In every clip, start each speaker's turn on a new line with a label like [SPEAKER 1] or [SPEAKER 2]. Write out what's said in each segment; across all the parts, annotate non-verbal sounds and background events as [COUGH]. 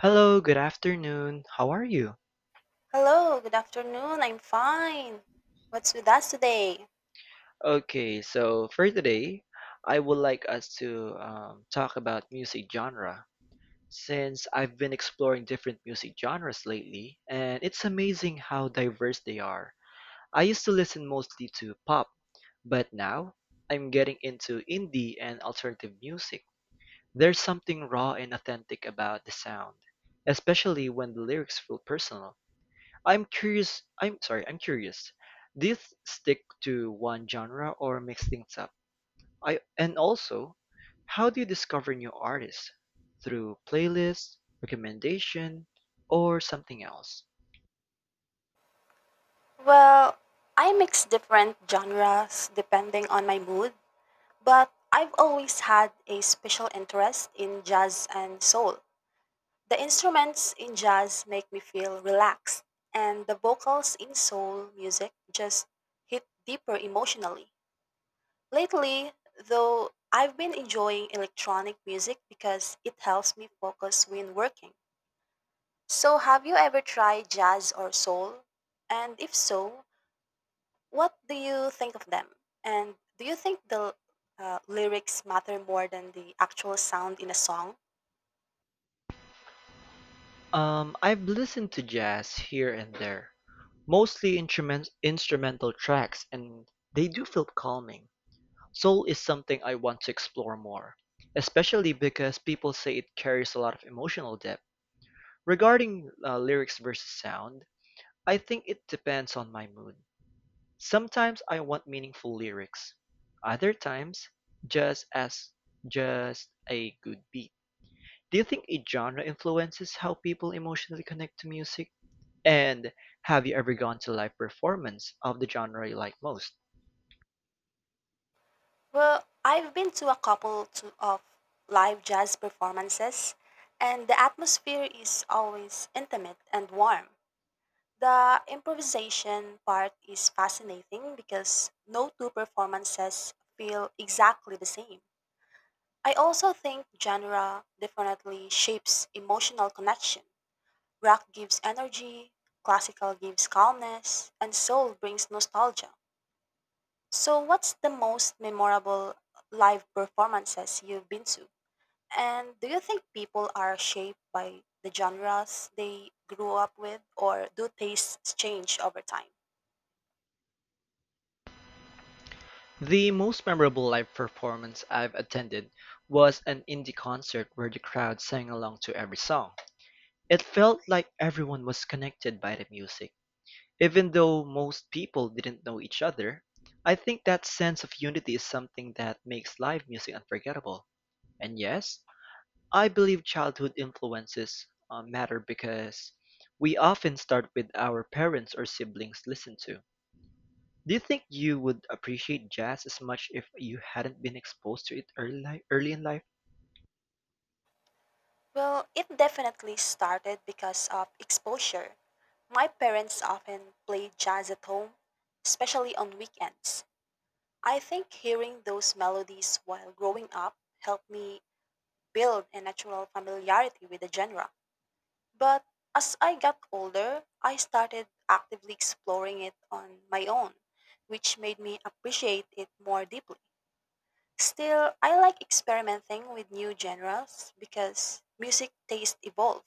[SPEAKER 1] Hello, good afternoon. How are you?
[SPEAKER 2] Hello, good afternoon. I'm fine. What's with us today?
[SPEAKER 1] Okay, so for today, I would like us to talk about music genre. Since I've been exploring different music genres lately, and it's amazing how diverse they are. I used to listen mostly to pop, but now I'm getting into indie and alternative music. There's something raw and authentic about the sound, especially when the lyrics feel personal. I'm curious. Do you stick to one genre or mix things up? I and Also, how do you discover new artists? Through playlists, recommendation, or something else?
[SPEAKER 2] Well, I mix different genres depending on my mood, but I've always had a special interest in jazz and soul. The instruments in jazz make me feel relaxed, and the vocals in soul music just hit deeper emotionally. Lately, though, I've been enjoying electronic music because it helps me focus when working. So, have you ever tried jazz or soul? And if so, what do you think of them? And do you think the lyrics matter more than the actual sound in a song?
[SPEAKER 1] I've listened to jazz here and there, mostly instrumental tracks, and they do feel calming. Soul is something I want to explore more, especially because people say it carries a lot of emotional depth. Regarding lyrics versus sound, I think it depends on my mood. Sometimes I want meaningful lyrics. Other times, just as just a good beat. Do you think a genre influences how people emotionally connect to music? And have you ever gone to live performance of the genre you like most?
[SPEAKER 2] Well, I've been to a couple of live jazz performances, and the atmosphere is always intimate and warm. The improvisation part is fascinating because no two performances feel exactly the same. I also think genre definitely shapes emotional connection. Rock gives energy, classical gives calmness, and soul brings nostalgia. So, what's the most memorable live performances you've been to? And do you think people are shaped by the genres they grew up with, or do tastes change over time?
[SPEAKER 1] The most memorable live performance I've attended was an indie concert where the crowd sang along to every song. It felt like everyone was connected by the music. Even though most people didn't know each other, I think that sense of unity is something that makes live music unforgettable. And yes, I believe childhood influences matter because we often start with our parents or siblings listen to. Do you think you would appreciate jazz as much if you hadn't been exposed to it early, early in life?
[SPEAKER 2] Well, it definitely started because of exposure. My parents often played jazz at home, especially on weekends. I think hearing those melodies while growing up helped me build a natural familiarity with the genre. But as I got older, I started actively exploring it on my own, which made me appreciate it more deeply. Still, I like experimenting with new genres because music tastes evolve.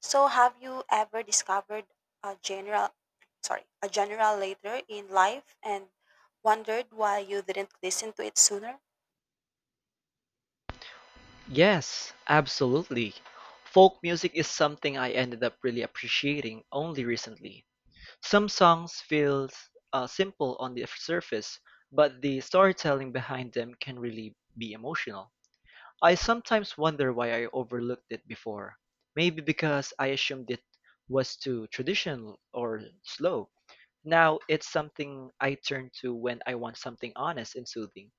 [SPEAKER 2] So have you ever discovered a general a general later in life and wondered why you didn't listen to it sooner?
[SPEAKER 1] Yes, absolutely. Folk music is something I ended up really appreciating only recently. Some songs feel simple on the surface, but the storytelling behind them can really be emotional. I sometimes wonder why I overlooked it before. Maybe because I assumed it was too traditional or slow. Now it's something I turn to when I want something honest and soothing.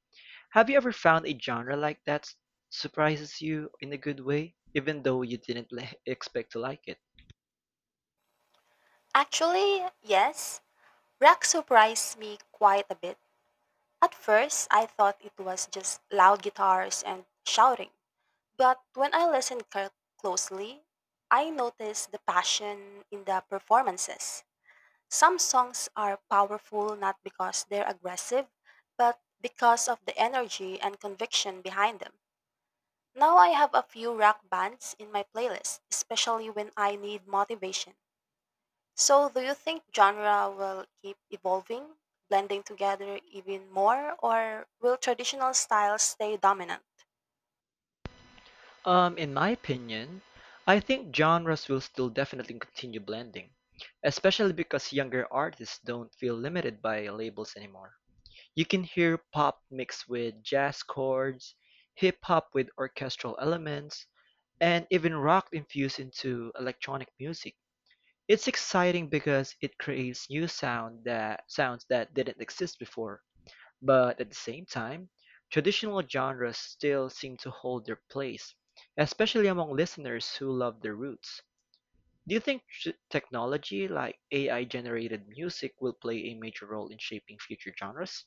[SPEAKER 1] Have you ever found a genre like that surprises you in a good way, even though you didn't expect to like it?
[SPEAKER 2] Actually, yes. Rock surprised me quite a bit. At first, I thought it was just loud guitars and shouting. But when I listened closely, I noticed the passion in the performances. Some songs are powerful not because they're aggressive, but because of the energy and conviction behind them. Now I have a few rock bands in my playlist, especially when I need motivation. So, do you think genre will keep evolving, blending together even more, or will traditional styles stay dominant?
[SPEAKER 1] In my opinion, I think genres will still definitely continue blending, especially because younger artists don't feel limited by labels anymore. You can hear pop mixed with jazz chords, hip hop with orchestral elements, and even rock infused into electronic music. It's exciting because it creates new sound that sounds that didn't exist before. But at the same time, traditional genres still seem to hold their place, especially among listeners who love their roots. Do you think technology like AI generated music will play a major role in shaping future genres?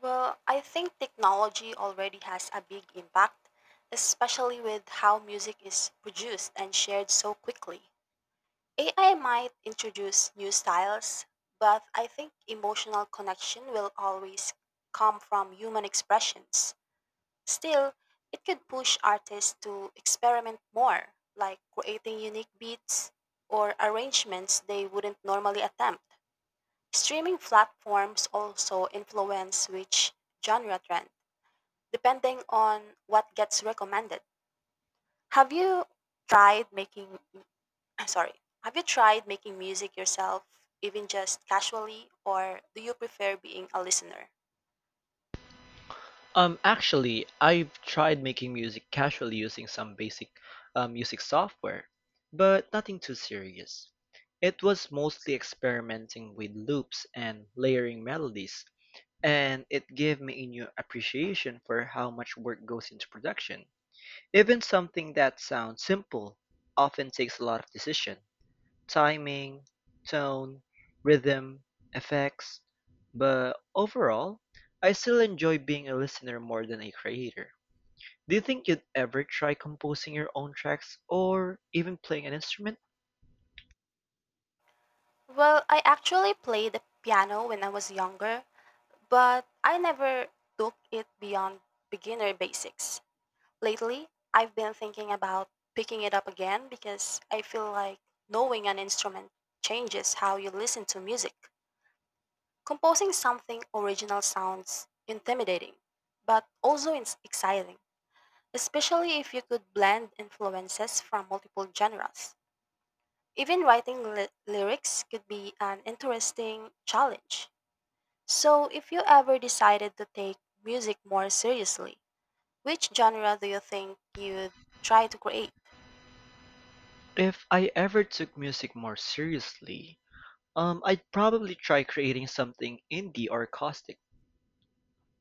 [SPEAKER 2] Well, I think technology already has a big impact, especially with how music is produced and shared so quickly. AI might introduce new styles, but I think emotional connection will always come from human expressions. Still, it could push artists to experiment more, like creating unique beats or arrangements they wouldn't normally attempt. Streaming platforms also influence which genre trend, depending on what gets recommended. Have you tried making I'm sorry. Have you tried making music yourself, even just casually, or do you prefer being a listener?
[SPEAKER 1] Actually, I've tried making music casually using some basic music software, but nothing too serious. It was mostly experimenting with loops and layering melodies, and it gave me a new appreciation for how much work goes into production. Even something that sounds simple often takes a lot of decision, timing, tone, rhythm, effects, but overall, I still enjoy being a listener more than a creator. Do you think you'd ever try composing your own tracks or even playing an instrument?
[SPEAKER 2] Well, I actually played the piano when I was younger, but I never took it beyond beginner basics. Lately, I've been thinking about picking it up again because I feel like knowing an instrument changes how you listen to music. Composing something original sounds intimidating, but also it's exciting, especially if you could blend influences from multiple genres. Even writing lyrics could be an interesting challenge. So, if you ever decided to take music more seriously, which genre do you think you'd try to create?
[SPEAKER 1] If I ever took music more seriously, I'd probably try creating something indie or caustic.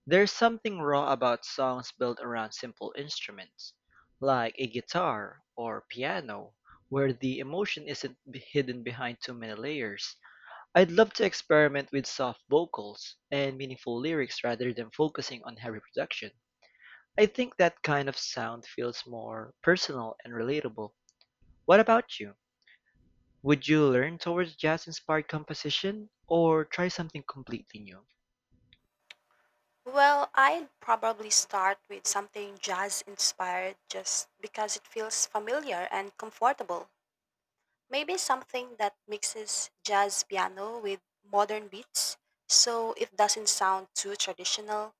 [SPEAKER 1] There's something raw about songs built around simple instruments, like a guitar or piano, where the emotion isn't hidden behind too many layers. I'd love to experiment with soft vocals and meaningful lyrics rather than focusing on heavy production. I think that kind of sound feels more personal and relatable. What about you? Would you learn towards jazz inspired composition or try something completely new?
[SPEAKER 2] Well, I'd probably start with something jazz inspired just because it feels familiar and comfortable. Maybe something that mixes jazz piano with modern beats so it doesn't sound too traditional.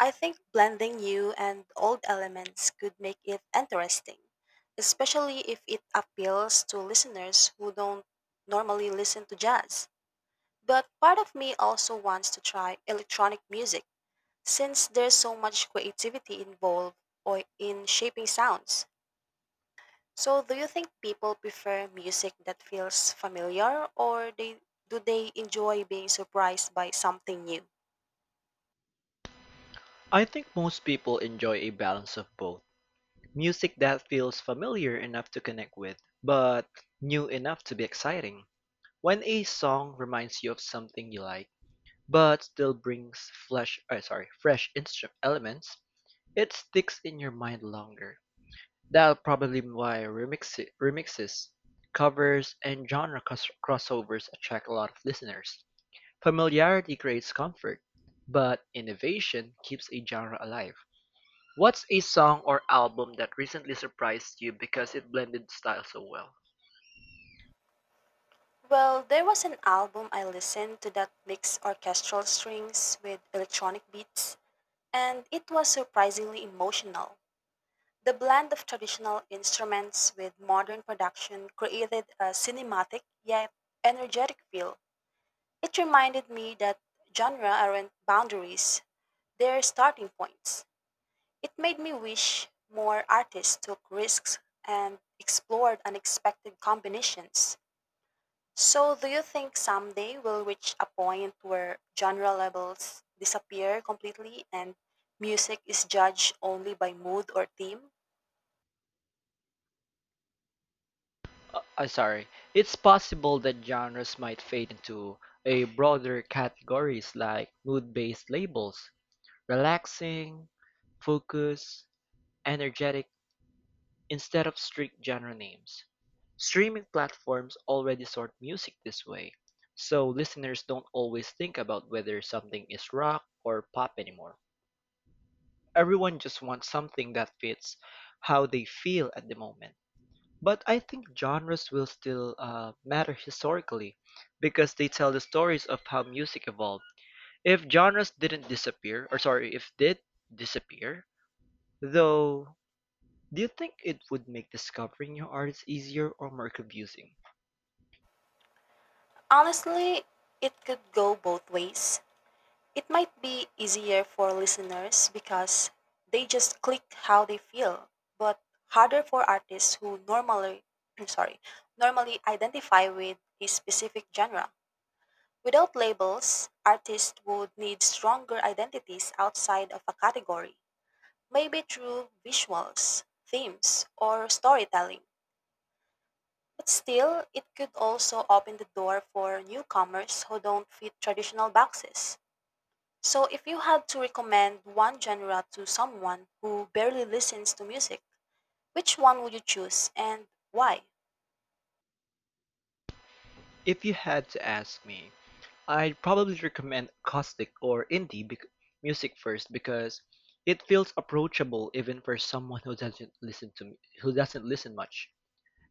[SPEAKER 2] I think blending new and old elements could make it interesting, especially if it appeals to listeners who don't normally listen to jazz. But part of me also wants to try electronic music since there's so much creativity involved or in shaping sounds. So, do you think people prefer music that feels familiar or they do they enjoy being surprised by something new?
[SPEAKER 1] I think most people enjoy a balance of both. Music that feels familiar enough to connect with, but new enough to be exciting. When a song reminds you of something you like, but still brings fresh instrument elements, it sticks in your mind longer. That's probably why remixes, covers, and crossovers attract a lot of listeners. Familiarity creates comfort, but innovation keeps a genre alive. What's a song or album that recently surprised you because it blended style so well?
[SPEAKER 2] Well, there was an album I listened to that mixed orchestral strings with electronic beats, and it was surprisingly emotional. The blend of traditional instruments with modern production created a cinematic yet energetic feel. It reminded me that genre aren't boundaries, they're starting points. It made me wish more artists took risks and explored unexpected combinations. So, do you think someday we'll reach a point where genre labels disappear completely and music is judged only by mood or theme?
[SPEAKER 1] Uh, uh, sorry, it's possible that genres might fade into a broader categories like mood-based labels, relaxing, focus, energetic, instead of strict genre names. Streaming platforms already sort music this way, so listeners don't always think about whether something is rock or pop anymore. Everyone just wants something that fits how they feel at the moment. But I think genres will still matter historically because they tell the stories of how music evolved. If genres didn't disappear, or sorry, if did disappear, though, do you think it would make discovering new artists easier or more confusing?
[SPEAKER 2] Honestly, it could go both ways. It might be easier for listeners because they just click how they feel, but harder for artists who normally [CLEARS THROAT] I'm sorry, normally identify with a specific genre. Without labels, artists would need stronger identities outside of a category, maybe through visuals, themes, or storytelling. But still, it could also open the door for newcomers who don't fit traditional boxes. So, if you had to recommend one genre to someone who barely listens to music, which one would you choose and why?
[SPEAKER 1] If you had to ask me, I'd probably recommend acoustic or indie bec music first because it feels approachable even for someone who doesn't listen much.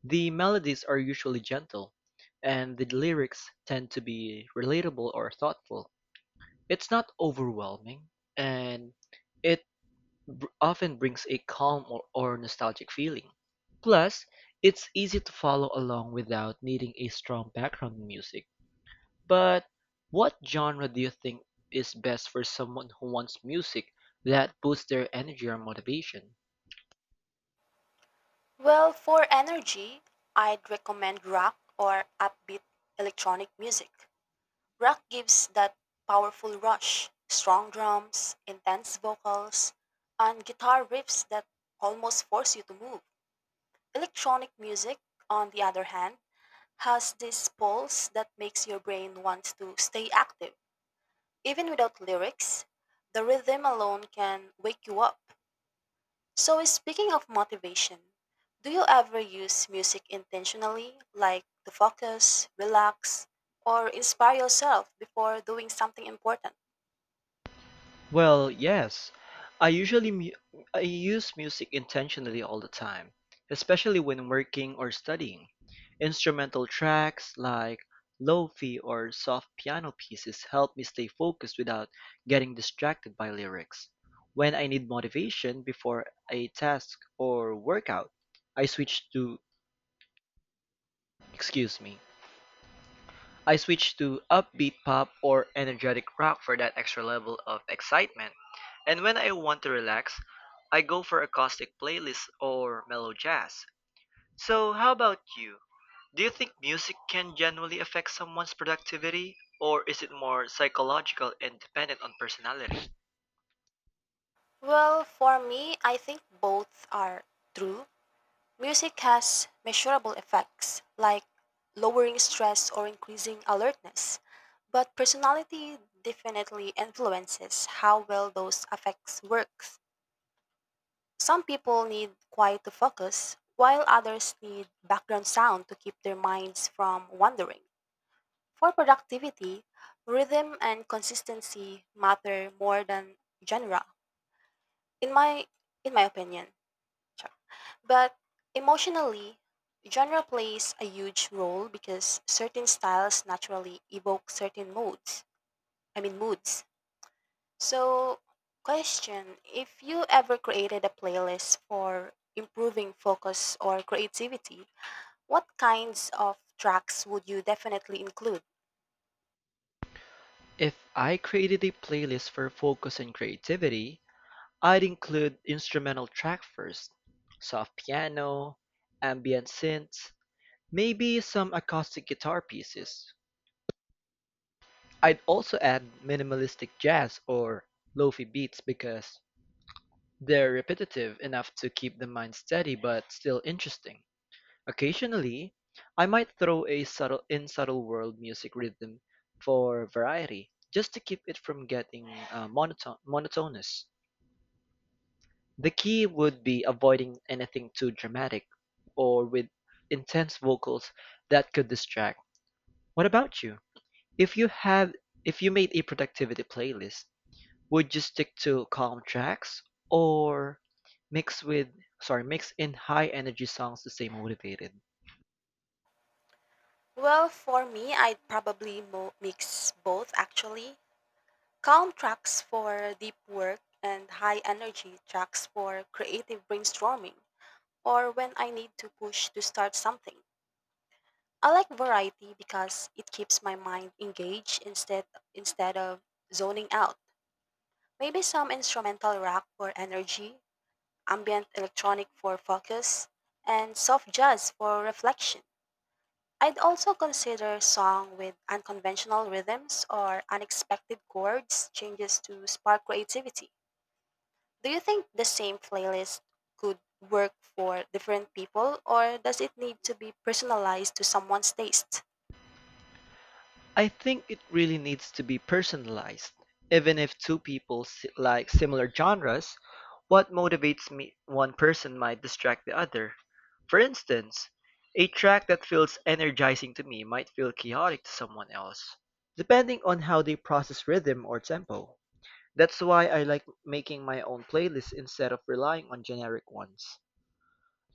[SPEAKER 1] The melodies are usually gentle, and the lyrics tend to be relatable or thoughtful. It's not overwhelming, and it often brings a calm or nostalgic feeling. Plus, it's easy to follow along without needing a strong background in music. But what genre do you think is best for someone who wants music that boosts their energy or motivation?
[SPEAKER 2] Well, for energy, I'd recommend rock or upbeat electronic music. Rock gives that powerful rush, strong drums, intense vocals, and guitar riffs that almost force you to move. Electronic music, on the other hand, has this pulse that makes your brain want to stay active. Even without lyrics, the rhythm alone can wake you up. So, speaking of motivation, do you ever use music intentionally, like to focus, relax, or inspire yourself before doing something important?
[SPEAKER 1] Well, yes. I use music intentionally all the time, especially when working or studying. Instrumental tracks like lo-fi or soft piano pieces help me stay focused without getting distracted by lyrics. When I need motivation before a task or workout, I switch to, excuse me, I switched to upbeat pop or energetic rock for that extra level of excitement. And when I want to relax, I go for acoustic playlists or mellow jazz. So, how about you? Do you think music can generally affect someone's productivity, or is it more psychological and dependent on personality?
[SPEAKER 2] Well, for me, I think both are true. Music has measurable effects, like lowering stress or increasing alertness, but personality definitely influences how well those effects work. Some people need quiet to focus, while others need background sound to keep their minds from wandering. For productivity, rhythm and consistency matter more than genre, in my in my opinion. Sure. But emotionally, genre plays a huge role because certain styles naturally evoke certain moods. I mean moods. So, question. If you ever created a playlist for improving focus or creativity, what kinds of tracks would you definitely include?
[SPEAKER 1] If I created a playlist for focus and creativity, I'd include instrumental track first, soft piano, ambient synths, maybe some acoustic guitar pieces. I'd also add minimalistic jazz or lofi beats because they're repetitive enough to keep the mind steady but still interesting. Occasionally, I might throw a subtle world music rhythm for variety, just to keep it from getting monotonous. The key would be avoiding anything too dramatic or with intense vocals that could distract. What about you? If you have, if you made a productivity playlist, would you stick to calm tracks or mix with mix in high energy songs to stay motivated?
[SPEAKER 2] Well, for me, I'd probably mix both actually. Calm tracks for deep work and high energy tracks for creative brainstorming or when I need to push to start something. I like variety because it keeps my mind engaged instead of zoning out. Maybe some instrumental rock for energy, ambient electronic for focus, and soft jazz for reflection. I'd also consider song with unconventional rhythms or unexpected chords changes to spark creativity. Do you think the same playlist could work for different people or does it need to be personalized to someone's taste?
[SPEAKER 1] I think it really needs to be personalized. Even if two people like similar genres, what motivates me one person might distract the other. For instance, a track that feels energizing to me might feel chaotic to someone else, depending on how they process rhythm or tempo. That's why I like making my own playlists instead of relying on generic ones.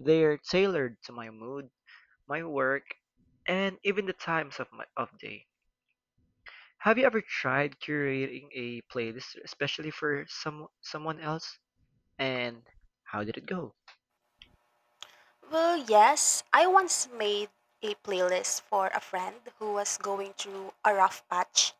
[SPEAKER 1] They're tailored to my mood, my work, and even the times of day. Have you ever tried curating a playlist especially for someone else? And how did it go?
[SPEAKER 2] Well, yes, I once made a playlist for a friend who was going through a rough patch.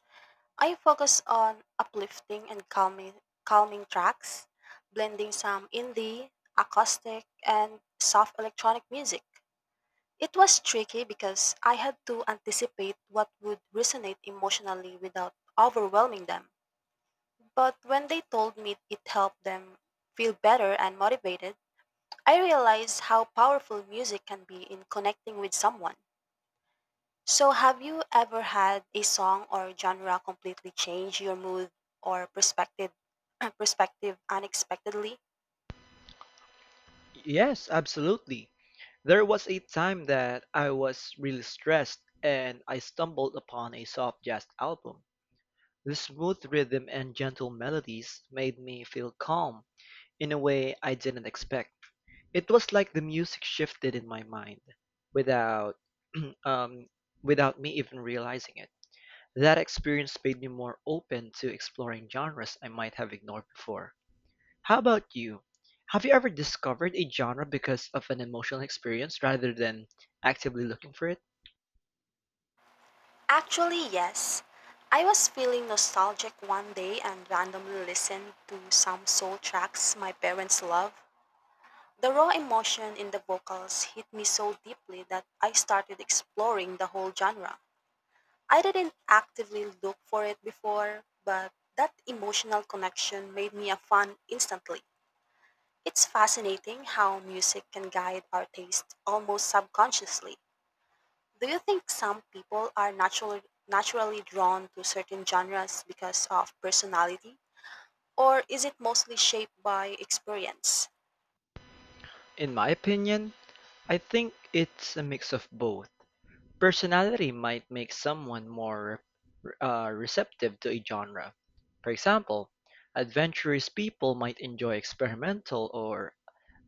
[SPEAKER 2] I focus on uplifting and calming tracks, blending some indie, acoustic, and soft electronic music. It was tricky because I had to anticipate what would resonate emotionally without overwhelming them. But when they told me it helped them feel better and motivated, I realized how powerful music can be in connecting with someone. So, have you ever had a song or genre completely change your mood or perspective, [CLEARS THROAT] perspective unexpectedly?
[SPEAKER 1] Yes, absolutely. There was a time that I was really stressed and I stumbled upon a soft jazz album. The smooth rhythm and gentle melodies made me feel calm in a way I didn't expect. It was like the music shifted in my mind without [CLEARS THROAT] um, without me even realizing it. That experience made me more open to exploring genres I might have ignored before. How about you? Have you ever discovered a genre because of an emotional experience rather than actively looking for it?
[SPEAKER 2] Actually, yes. I was feeling nostalgic one day and randomly listened to some soul tracks my parents love. The raw emotion in the vocals hit me so deeply that I started exploring the whole genre. I didn't actively look for it before, but that emotional connection made me a fan instantly. It's fascinating how music can guide our taste almost subconsciously. Do you think some people are naturally drawn to certain genres because of personality or is it mostly shaped by experience?
[SPEAKER 1] In my opinion, I think it's a mix of both. Personality might make someone more receptive to a genre. For example, adventurous people might enjoy experimental or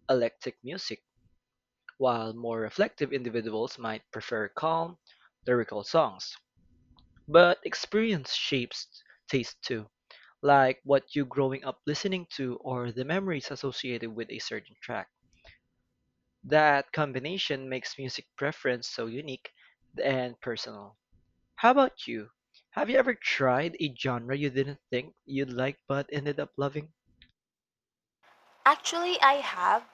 [SPEAKER 1] eclectic music, while more reflective individuals might prefer calm, lyrical songs. But experience shapes taste too, like what you growing up listening to or the memories associated with a certain track. That combination makes music preference so unique and personal. How about you? Have you ever tried a genre you didn't think you'd like but ended up loving?
[SPEAKER 2] Actually, I have.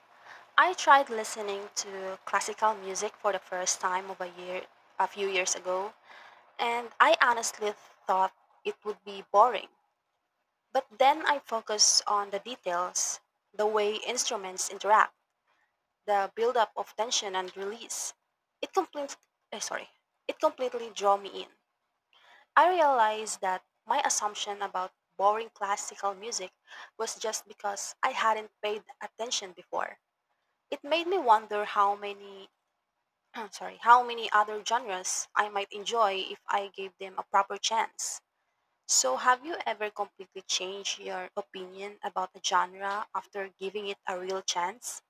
[SPEAKER 2] I tried listening to classical music for the first time of a year a few years ago and I honestly thought it would be boring. But then I focus on the details, the way instruments interact, the buildup of tension and release. It complete, eh, sorry, it completely draw me in. I realized that my assumption about boring classical music was just because I hadn't paid attention before. It made me wonder how many, [CLEARS THROAT] sorry, how many other genres I might enjoy if I gave them a proper chance. So, have you ever completely changed your opinion about a genre after giving it a real chance?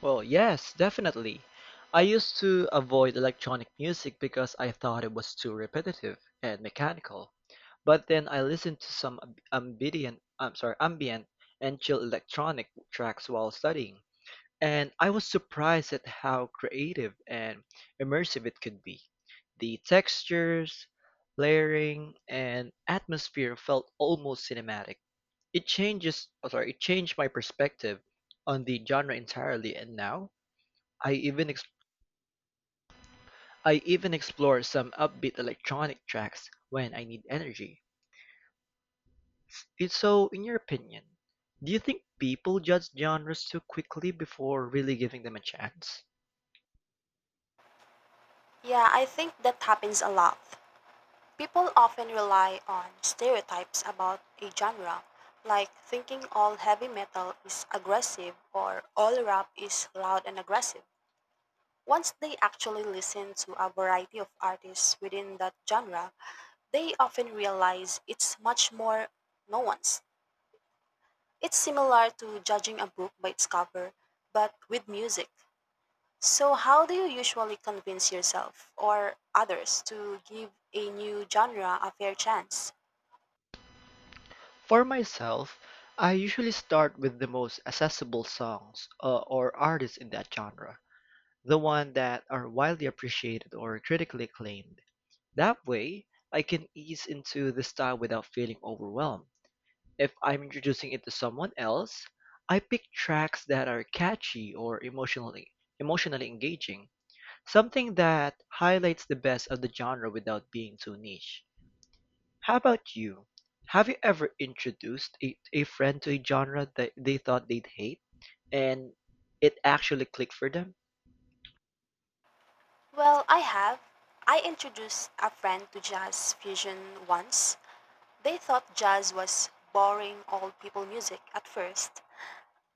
[SPEAKER 1] Well, yes, definitely. I used to avoid electronic music because I thought it was too repetitive and mechanical. But then I listened to some ambient and chill electronic tracks while studying. And I was surprised at how creative and immersive it could be. The textures, layering, and atmosphere felt almost cinematic. It changes, oh, sorry, It changed my perspective on the genre entirely, and now I even ex- I even explore some upbeat electronic tracks when I need energy. It's so, in your opinion, do you think people judge genres too quickly before really giving them a chance?
[SPEAKER 2] Yeah, I think that happens a lot. People often rely on stereotypes about a genre, like thinking all heavy metal is aggressive or all rap is loud and aggressive. Once they actually listen to a variety of artists within that genre, they often realize it's much more nuanced. It's similar to judging a book by its cover, but with music. So, how do you usually convince yourself or others to give a new genre a fair chance?
[SPEAKER 1] For myself, I usually start with the most accessible songs or artists in that genre, the ones that are widely appreciated or critically acclaimed. That way, I can ease into the style without feeling overwhelmed. If I'm introducing it to someone else, I pick tracks that are catchy or emotionally engaging, something that highlights the best of the genre without being too niche. How about you? Have you ever introduced a friend to a genre that they thought they'd hate, and it actually clicked for them?
[SPEAKER 2] Well, I have. I introduced a friend to jazz fusion once. They thought jazz was boring old people music at first.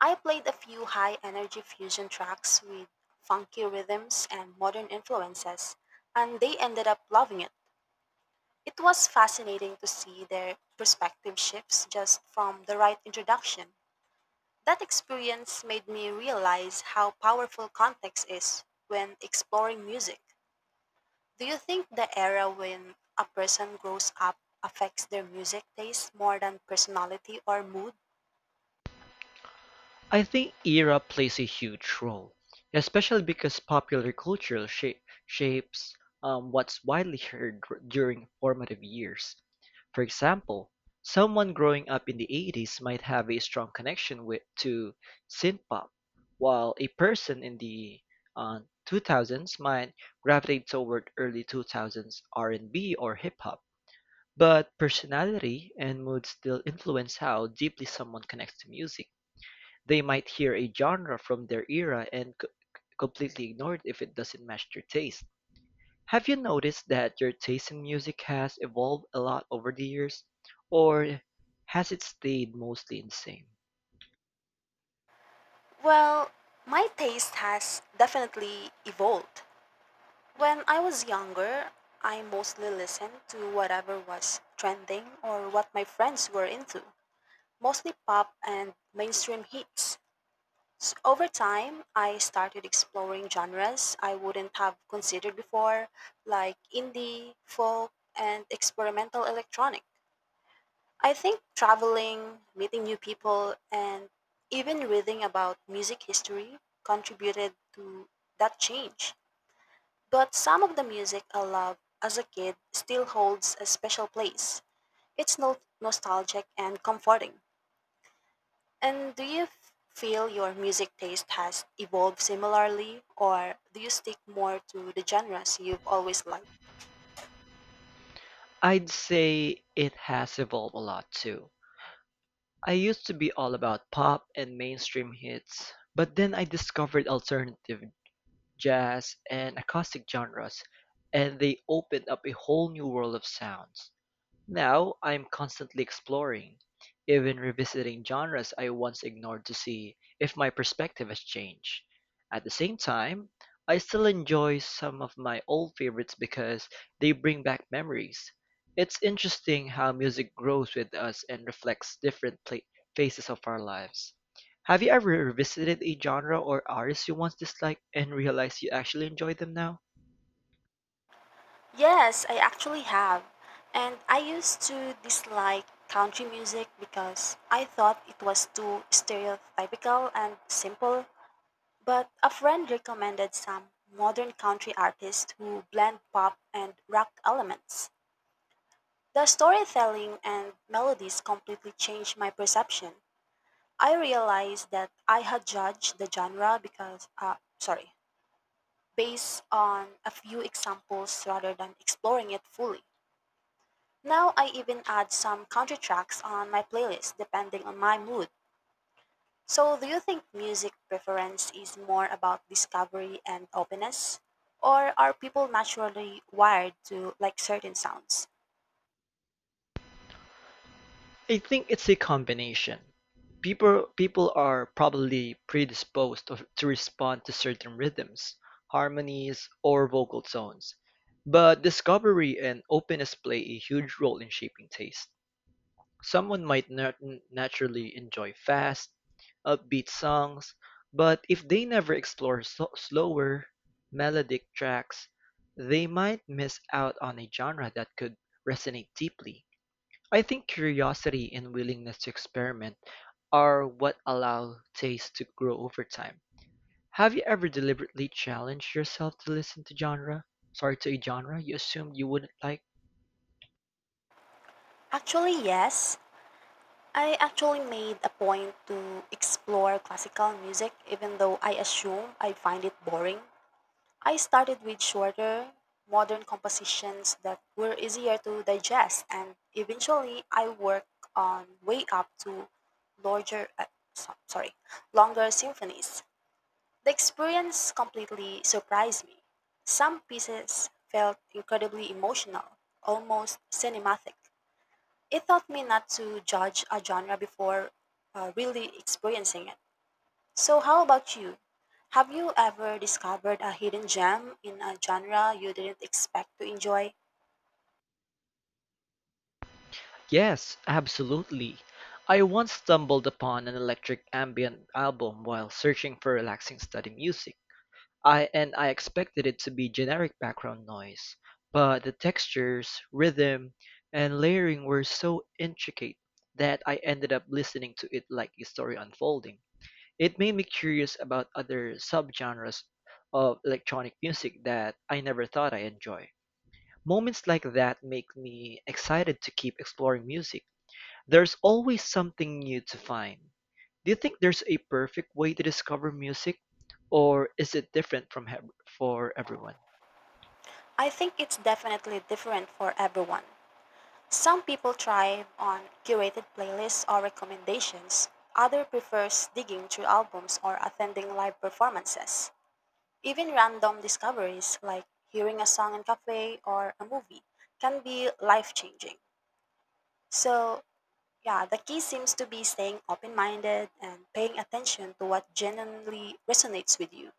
[SPEAKER 2] I played a few high energy fusion tracks with funky rhythms and modern influences, and they ended up loving it. It was fascinating to see their perspective shifts just from the right introduction. That experience made me realize how powerful context is when exploring music. Do you think the era when a person grows up affects their music taste more than personality or mood?
[SPEAKER 1] I think era plays a huge role, especially because popular culture shapes what's widely heard during formative years. For example, someone growing up in the 80s might have a strong connection with to synthpop, while a person in the uh, 2000s might gravitate toward early 2000s R&B or hip hop. But personality and mood still influence how deeply someone connects to music. They might hear a genre from their era and completely ignore it if it doesn't match their taste. Have you noticed that your taste in music has evolved a lot over the years, or has it stayed mostly the same?
[SPEAKER 2] Well, my taste has definitely evolved. When I was younger, I mostly listened to whatever was trending or what my friends were into, mostly pop and mainstream hits. S over time, I started exploring genres I wouldn't have considered before, like indie, folk, and experimental electronic. I think traveling, meeting new people, and even reading about music history contributed to that change. But some of the music I loved as a kid still holds a special place. It's nostalgic and comforting. And do you feel your music taste has evolved similarly, or do you stick more to the genres you've always liked?
[SPEAKER 1] I'd say it has evolved a lot too. I used to be all about pop and mainstream hits, but then I discovered alternative jazz and acoustic genres, and they opened up a whole new world of sounds. Now I'm constantly exploring, even revisiting genres I once ignored to see if my perspective has changed. At the same time, I still enjoy some of my old favorites because they bring back memories. It's interesting how music grows with us and reflects different pla phases of our lives. Have you ever revisited a genre or artist you once disliked and realized you actually enjoy them now?
[SPEAKER 2] Yes, I actually have. And I used to dislike country music because I thought it was too stereotypical and simple. But a friend recommended some modern country artists who blend pop and rock elements. The storytelling and melodies completely changed my perception. I realized that I had judged the genre based on a few examples rather than exploring it fully. Now I even add some country tracks on my playlist depending on my mood. So, do you think music preference is more about discovery and openness? Or are people naturally wired to like certain sounds?
[SPEAKER 1] I think it's a combination. People are probably predisposed to respond to certain rhythms, harmonies, or vocal tones, but discovery and openness play a huge role in shaping taste. Someone might naturally enjoy fast, upbeat songs, but if they never explore slower, melodic tracks, they might miss out on a genre that could resonate deeply. I think curiosity and willingness to experiment are what allow taste to grow over time. Have you ever deliberately challenged yourself to listen to genre? Sorry, to a genre you assumed you wouldn't like?
[SPEAKER 2] Actually, yes. I actually made a point to explore classical music even though I assume I find it boring. I started with shorter, modern compositions that were easier to digest and eventually I worked on way up to larger uh, so- sorry, longer symphonies. The experience completely surprised me. Some pieces felt incredibly emotional, almost cinematic. It taught me not to judge a genre before really experiencing it. So, how about you? Have you ever discovered a hidden gem in a genre you didn't expect to enjoy?
[SPEAKER 1] Yes, absolutely. I once stumbled upon an electric ambient album while searching for relaxing study music. I and I expected it to be generic background noise, but the textures, rhythm, and layering were so intricate that I ended up listening to it like a story unfolding. It made me curious about other subgenres of electronic music that I never thought I enjoy. Moments like that make me excited to keep exploring music. There's always something new to find. Do you think there's a perfect way to discover music, or is it different for everyone?
[SPEAKER 2] I think it's definitely different for everyone. Some people thrive on curated playlists or recommendations. Other prefers digging through albums or attending live performances. Even random discoveries like hearing a song in a cafe or a movie can be life-changing. So, yeah, the key seems to be staying open minded and paying attention to what genuinely resonates with you.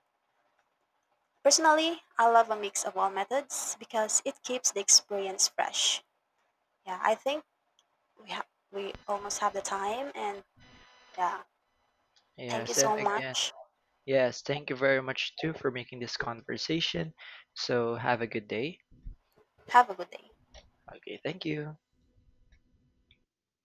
[SPEAKER 2] Personally, I love a mix of all methods because it keeps the experience fresh. Yeah, I think we almost have the time, and yeah, thank you
[SPEAKER 1] Yes, and
[SPEAKER 2] so
[SPEAKER 1] again,
[SPEAKER 2] much.
[SPEAKER 1] yes, thank you very much too for making this conversation. So have a good day.
[SPEAKER 2] Have a good day.
[SPEAKER 1] Okay, thank you.